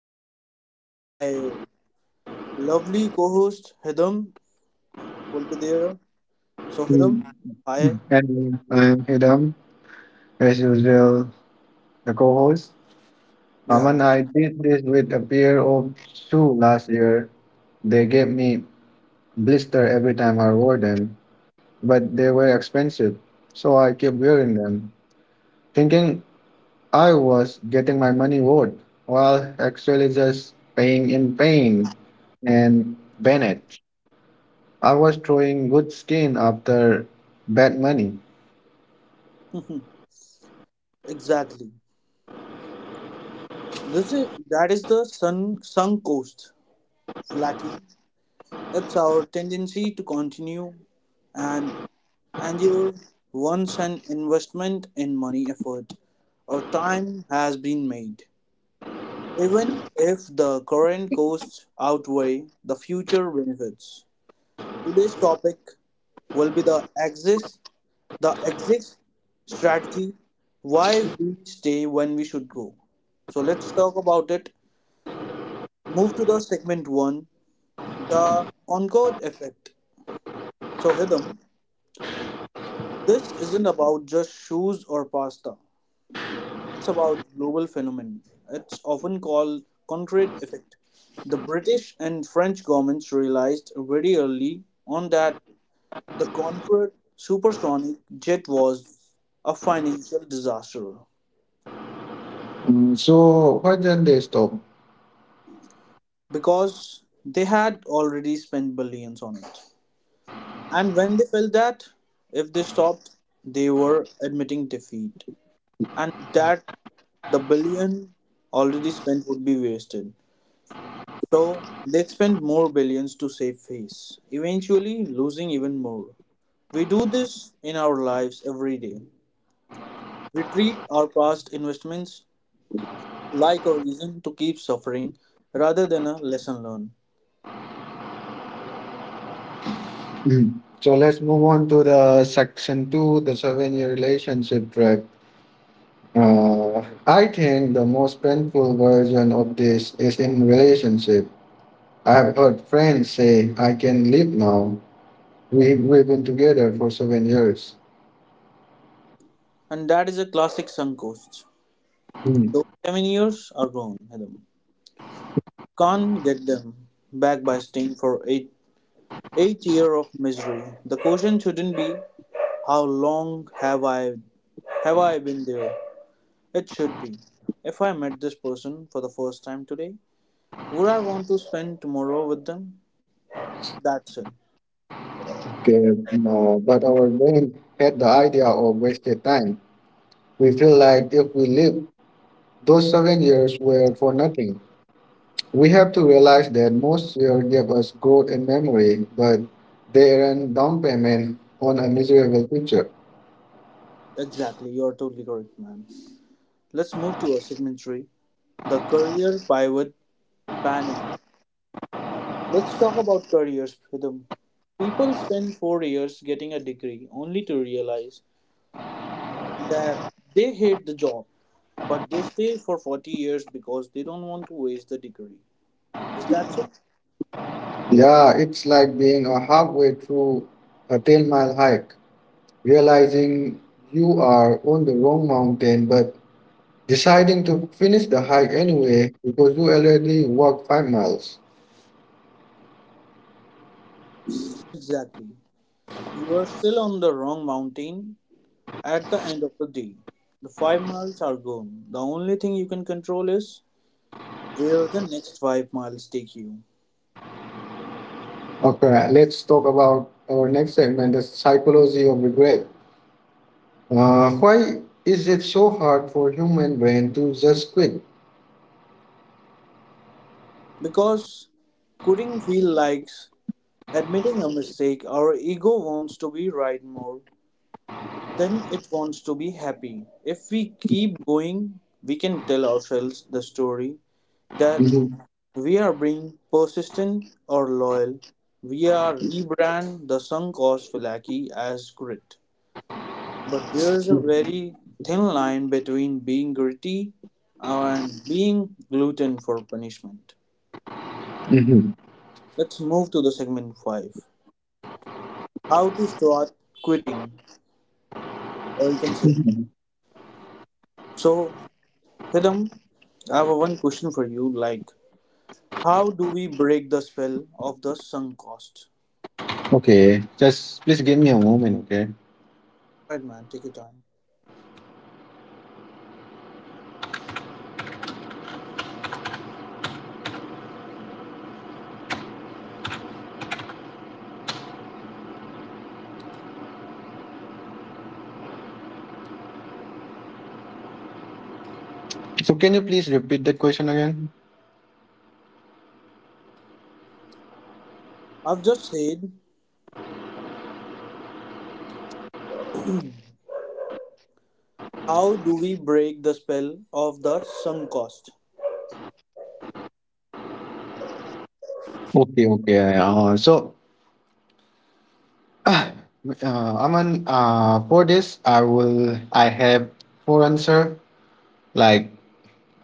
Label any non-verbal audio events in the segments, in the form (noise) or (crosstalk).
always, my lovely co-host Hidam will be there. So Hiram, Hmm. hi, And I'm Hidam, as usual, the co host. yeah, Aman, I did this with a pair of shoes last year. They gave me blister every time I wore them, but they were expensive, so I kept wearing them, thinking I was getting my money worth, while actually just paying in pain and Bennett. I was throwing good skin after bad money. (laughs) exactly. This is that is the sunk cost flatly. That's our tendency to continue, and and your once an investment in money, effort, or time has been made, even if the current costs outweigh the future benefits. Today's topic will be the exit strategy, why we stay when we should go. So let's talk about it. Move to the segment 1, the encore effect. So Hidam, this isn't about just shoes or pasta, it's about global phenomenon. It's often called concrete effect. The British and French governments realized very early on that the Concorde supersonic jet was a financial disaster, So why didn't they stop? because they had already spent billions on it. And when they felt that if they stopped, they were admitting defeat, and that the billion already spent would be wasted. So they spent more billions to save face, eventually losing even more. We do this in our lives every day. We treat our past investments like a reason to keep suffering rather than a lesson learned. Mm. So let's move on to the section two, the 7-year relationship trap. I think the most painful version of this is in relationship. I have heard friends say, I can leave now. We've been together for 7 years. And that is a classic sunk cost. Mm. Those 7 years are gone, Adam. Can't get them back by staying for eight year of misery. The question shouldn't be how long have I been there? It should be, if I met this person for the first time today, would I want to spend tomorrow with them? That's it. Okay, but our brain had the idea of wasted time. We feel like if we leave, those 7 years were for nothing. We have to realize that most fear give us growth and memory, but they are a down payment on a miserable future. Exactly, you're totally correct, man. Let's move to a segment three, the career pivot panic. Let's talk about careers, Pritham. People spend 4 years getting a degree only to realize that they hate the job, but they stay for 40 years because they don't want to waste the degree. Is that so? Yeah, it's like being a halfway through a 10-mile hike, realizing you are on the wrong mountain, but deciding to finish the hike anyway because you already walked 5 miles. Exactly. You are still on the wrong mountain at the end of the day. The 5 miles are gone. The only thing you can control is where the next 5 miles take you. Okay, let's talk about our next segment the psychology of regret. Why is it so hard for human brain to just quit? Because quitting feels like admitting a mistake, our ego wants to be right more then it wants to be happy. If we keep going, we can tell ourselves the story that Mhm. we are being persistent or loyal. We are rebrand the sunk cost Filaki as grit. But there's a very thin line between being gritty and being gluten for punishment. Mhm. Let's move to the segment 5, how to start quitting, or you can say no. Mhm. So, Hidam, I have a one question for you. Like, how do we break the spell of the sunk cost? Okay. Just please give me a moment, okay? Right, man, take your time. So can you please repeat that question again? I've just said, how do we break the spell of the sunk cost? Okay, okay. Aman, for this, I have four answer. Like,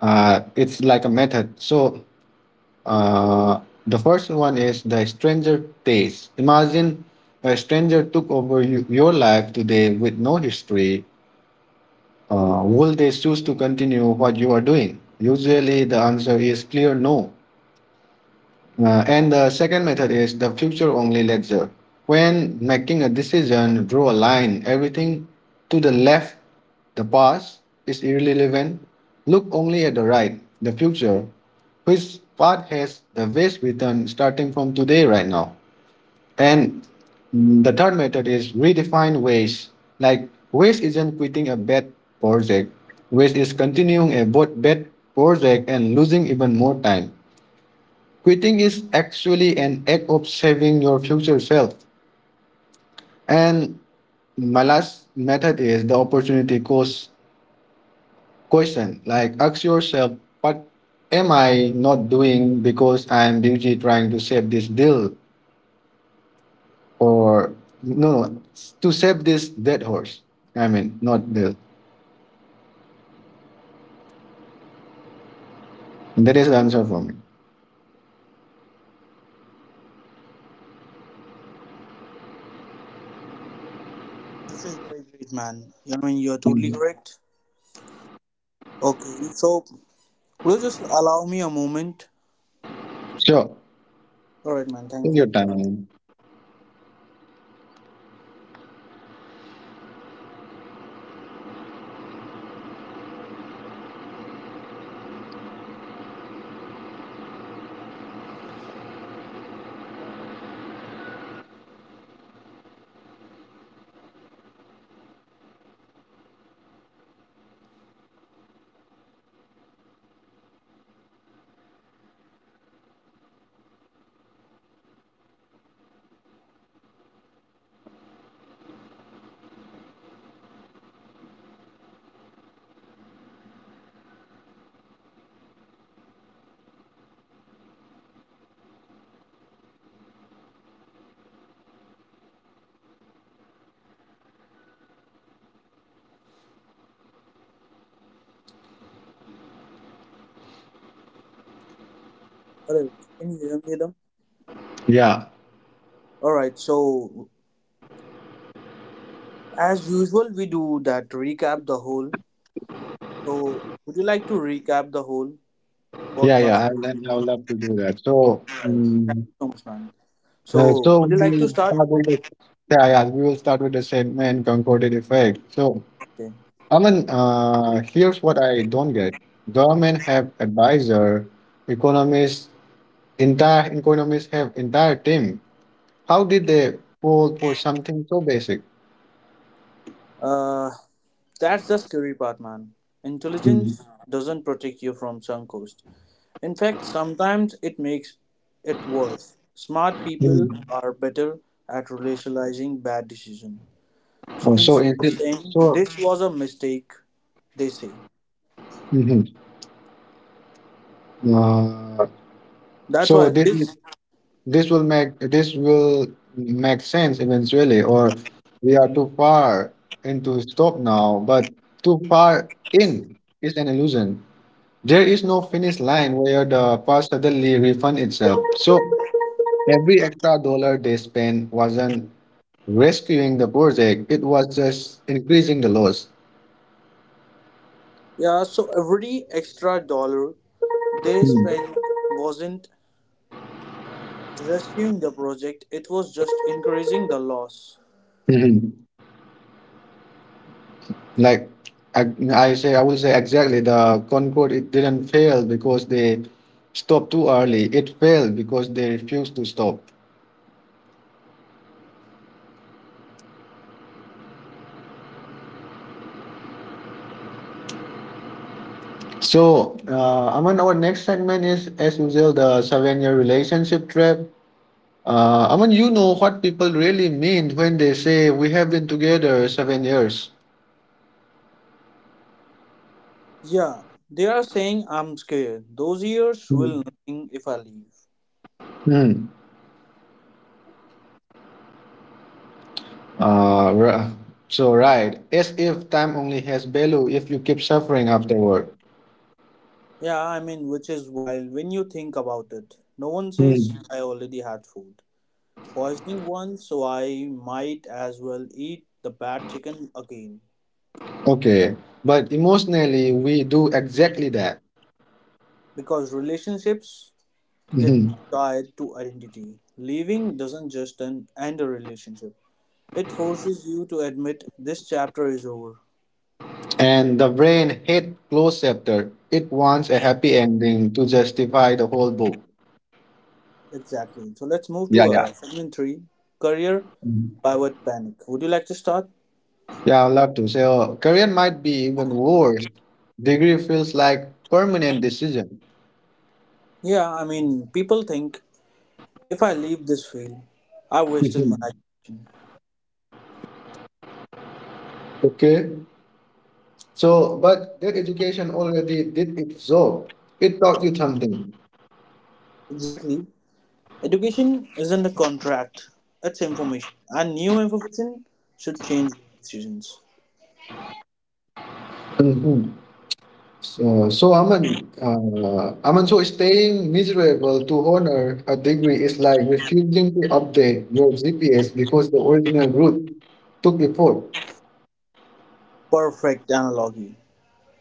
it's like a method. So, uh, the first one is the stranger taste. Imagine a stranger took over you, your life today with no history. Will they choose to continue what you are doing? Usually, the answer is clear no. And the second method is the future only ledger. When making a decision, draw a line. Everything to the left, the past, is irrelevant. Look only at the right, the future, which part has the best return starting from today, right now. And the third method is redefine waste. Like, waste isn't quitting a bad project, waste is continuing a bad project and losing even more time. Quitting is actually an act of saving your future self. And my last method is the opportunity cost question. Like ask yourself, what am I not doing because I'm busy trying to save this deal or no, no, to save this dead horse. I mean, not deal. That is the answer for me. This is very great, man. You know, you're totally Mhm. correct. Okay, so will you just allow me a moment? Sure. All right, man, Take thank your you. time. All right, can you hear me, Adam? Yeah. All right, so as usual, we do that recap the whole. So, would you like to recap the whole Yeah, yeah. podcast? I, I would love to do that. So, All right, so much, man. So, would so you like to we'll start? start with the, yeah, we will start with the statement concordant effect. So, Okay. Aman, here's what I don't get. Government have advisor, economists, entire economists have entire team. How did they fall for something so basic? Uh, that's the scary part, man. Mm, Intelligence doesn't protect you from sunk cost. In fact, sometimes it makes it worse. Smart people mm. are better at rationalizing bad decisions. So Oh, so instead is of it saying so? this was a mistake, they say Mhm. Uh, that's so why this is this this will make sense eventually, or we are too far into stop now, but too far in is an illusion. There is no finish line where the past suddenly refund itself, so every extra dollar they spent wasn't rescuing the project, it was just increasing the loss. yeah. So every extra dollar they Hmm. spent wasn't rescuing the project; it was just increasing the loss. Mhm. Like I, I will say exactly the Concorde, it didn't fail because they stopped too early. It failed because they refused to stop. So, Aman, our next segment is, as usual, the seven-year relationship trap. Aman, you know what people really mean when they say we have been together 7 years. Yeah, they are saying I'm scared. Those years will nothing if I leave. Hmm. Uh, ri- so right, as if time only has value if you keep suffering afterward. Yeah, I mean, which is wild when you think about it. No one says Hmm. I already had food. Poisoning once, so I might as well eat the bad chicken again. Okay, but emotionally we do exactly that. Because relationships get Mhm. tied to identity. Leaving doesn't just end a relationship, it forces you to admit this chapter is over. And the brain hates closed chapter. It wants a happy ending to justify the whole book. Exactly. So let's move to Yeah, yeah. a segment three, career Mhm. pivot panic. Would you like to start? Yeah, I love to say oh, career might be even worse. Degree feels like permanent decision. Yeah, I mean, people think if I leave this field, I wasted my Mhm. education. Okay. So but that education already did its job. It taught you something. Exactly. Education isn't a contract, it's information. And new information should change decisions. Mhm. So Aman, Aman, so staying miserable to honor a degree is like refusing to update your GPS because the original route took effort. Perfect analogy.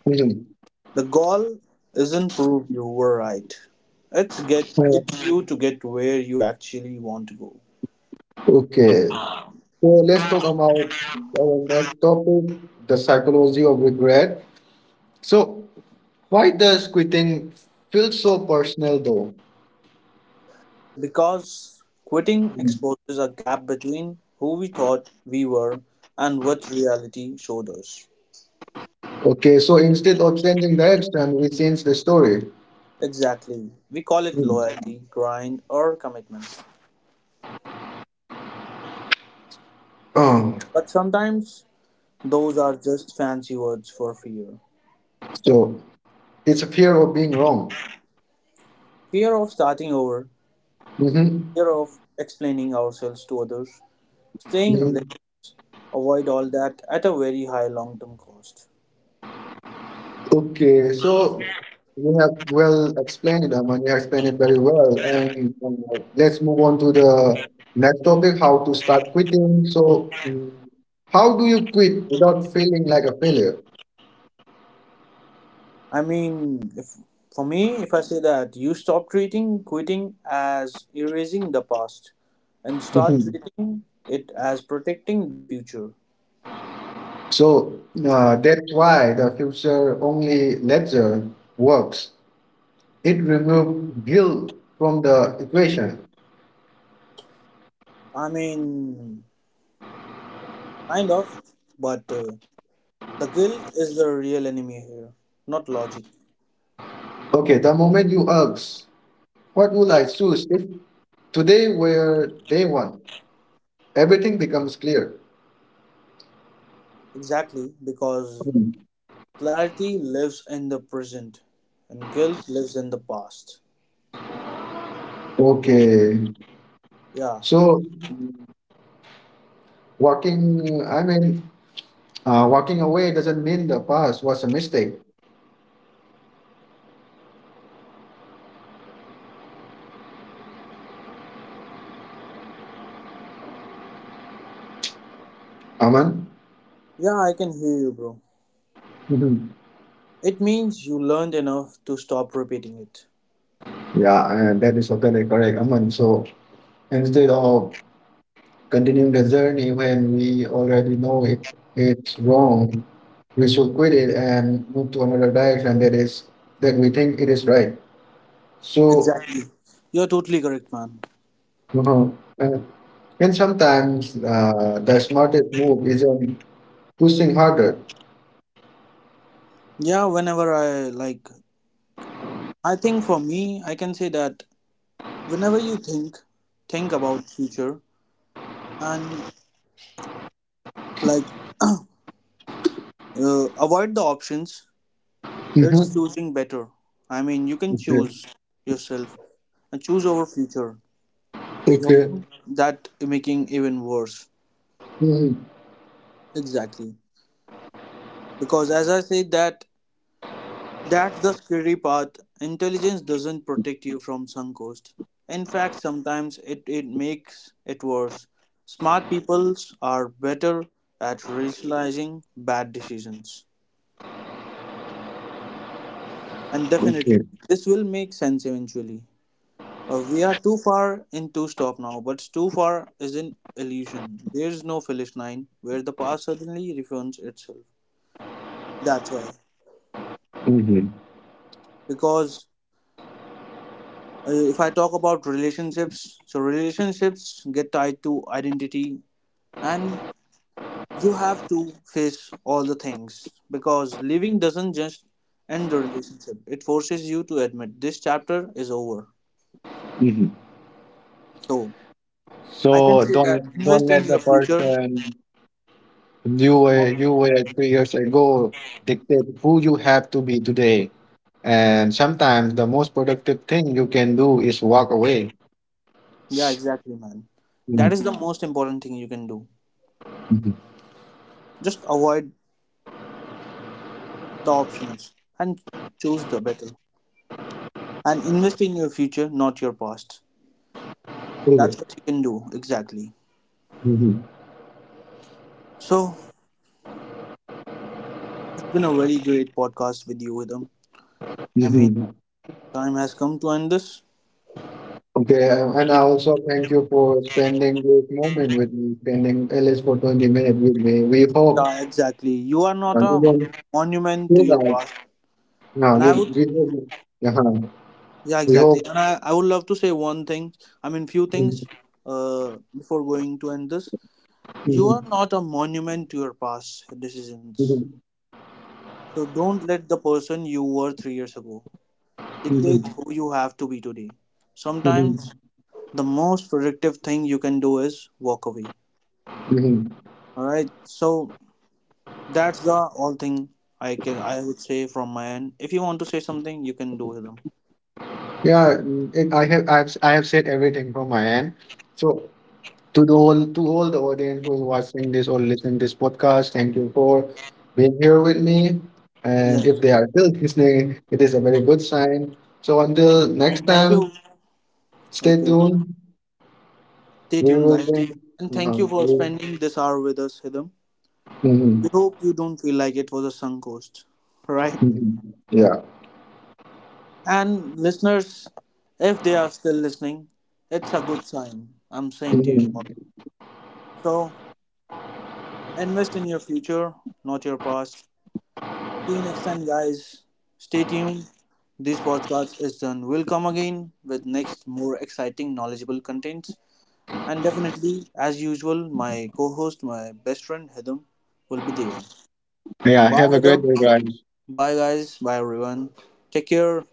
Really. The goal isn't prove you were right. It's get Uh, it's you to get where you actually want to go. Okay, so let's talk about our next topic, the psychology of regret. So, why does quitting feel so personal though? Because quitting Mm. exposes a gap between who we thought we were and what reality showed us. Okay, so instead of changing direction, we change the story. Exactly. We call it Mm. loyalty, grind, or commitment. Um, But sometimes those are just fancy words for fear. so, it's a fear of being wrong. Fear of starting over, Mm-hmm. fear of explaining ourselves to others, staying Mm-hmm. late, avoid all that at a very high long term cost. Okay, so you have well explained it, Aman. You explained it very well. And let's move on to the next topic how to start quitting. So, how do you quit without feeling like a failure? I mean, if, for me, if I say that you stop treating quitting as erasing the past and start Mhm. treating it as protecting the future. So, that's why the future only ledger works. It removes guilt from the equation. I mean, kind of, but the guilt is the real enemy here, not logic. Okay, the moment you ask, what will I choose if today were day one? Everything becomes clear. Exactly, because Mm. clarity lives in the present and guilt lives in the past. Okay. Yeah, So walking, I mean, walking away doesn't mean the past was a mistake. Aman? yeah, I can hear you, bro. Mhm. It means you learned enough to stop repeating it. Yeah, and that is totally correct, Aman. So instead of continuing the journey when we already know it, it's wrong, we should quit it and move to another direction that is that we think it is right. So, Exactly. You're totally correct, man. uh and sometimes the smartest move isn't pushing harder. Yeah, whenever I like I think for me, I can say that whenever you think about future and like (clears throat) avoid the options, it's Mhm. choosing better. I mean, you can Okay. choose yourself and choose over future. Okay. Something that making even worse. Mhm. Exactly. Because as I said that that's the scary part. Intelligence doesn't protect you from sunk cost. In fact, sometimes it makes it worse. Smart people are better at rationalizing bad decisions. And definitely, Okay. this will make sense eventually. We are too far in to stop now, but too far is an illusion. There is no finish line where the past suddenly refunds itself. That's why. Mhm, Because if I talk about relationships, so relationships get tied to identity, and you have to face all the things because living doesn't just end the relationship, it forces you to admit this chapter is over. mhm. So, I can So say that don't invest in let your the future. person you were 3 years ago dictate who you have to be today. And sometimes the most productive thing you can do is walk away. Yeah, exactly, man. Mhm, That is the most important thing you can do. mhm. Just avoid the options and choose the better. And invest in your future, not your past. Okay. That's what you can do, exactly. Mhm, So, been a very great podcast with you, Vidam. I mean, mhm. time has come to end this. Okay, and I also thank you for spending this moment with me, spending at least for 20 minutes with me. We hope Yeah, exactly. You are not you a don't monument to feel your that. past. Yeah, And you I would, we hope, yeah, yeah, we exactly. hope. And I would love to say one thing, I mean, few things before going to end this. You are Mhm, not a monument to your past decisions. mhm, So don't let the person you were 3 years ago mhm, dictate who you have to be today. mhm, mhm, Sometimes the most productive thing you can do is walk away. mhm. All right. So that's the all thing I would say from my end. If you want to say something, you can do with them. Yeah mm, it, I have I've s- I have I have said everything from my end. So to the whole to all the audience who's watching this or listening this podcast, thank you for being here with me. And Yeah. if they are still listening, it is a very good sign. So until And next thank you. time, stay Okay, okay. tuned. Stay We tuned, will guys. bring And thank you for mhm, spending this hour with us, Hidam. mhm, We hope you don't feel like it was a sunk cost, (laughs) right? mhm. Yeah. And listeners, if they are still listening, it's a good sign. I'm saying to you all. Mhm. So invest in your future, not your past. See you next time, guys. Stay tuned. This podcast is done. We'll come again with next more exciting, knowledgeable contents. And definitely, as usual, my co-host, my best friend Hedam, will be there. Yeah, Bye, have a great Hedam. day, guys. Bye, guys. Bye, everyone. Take care.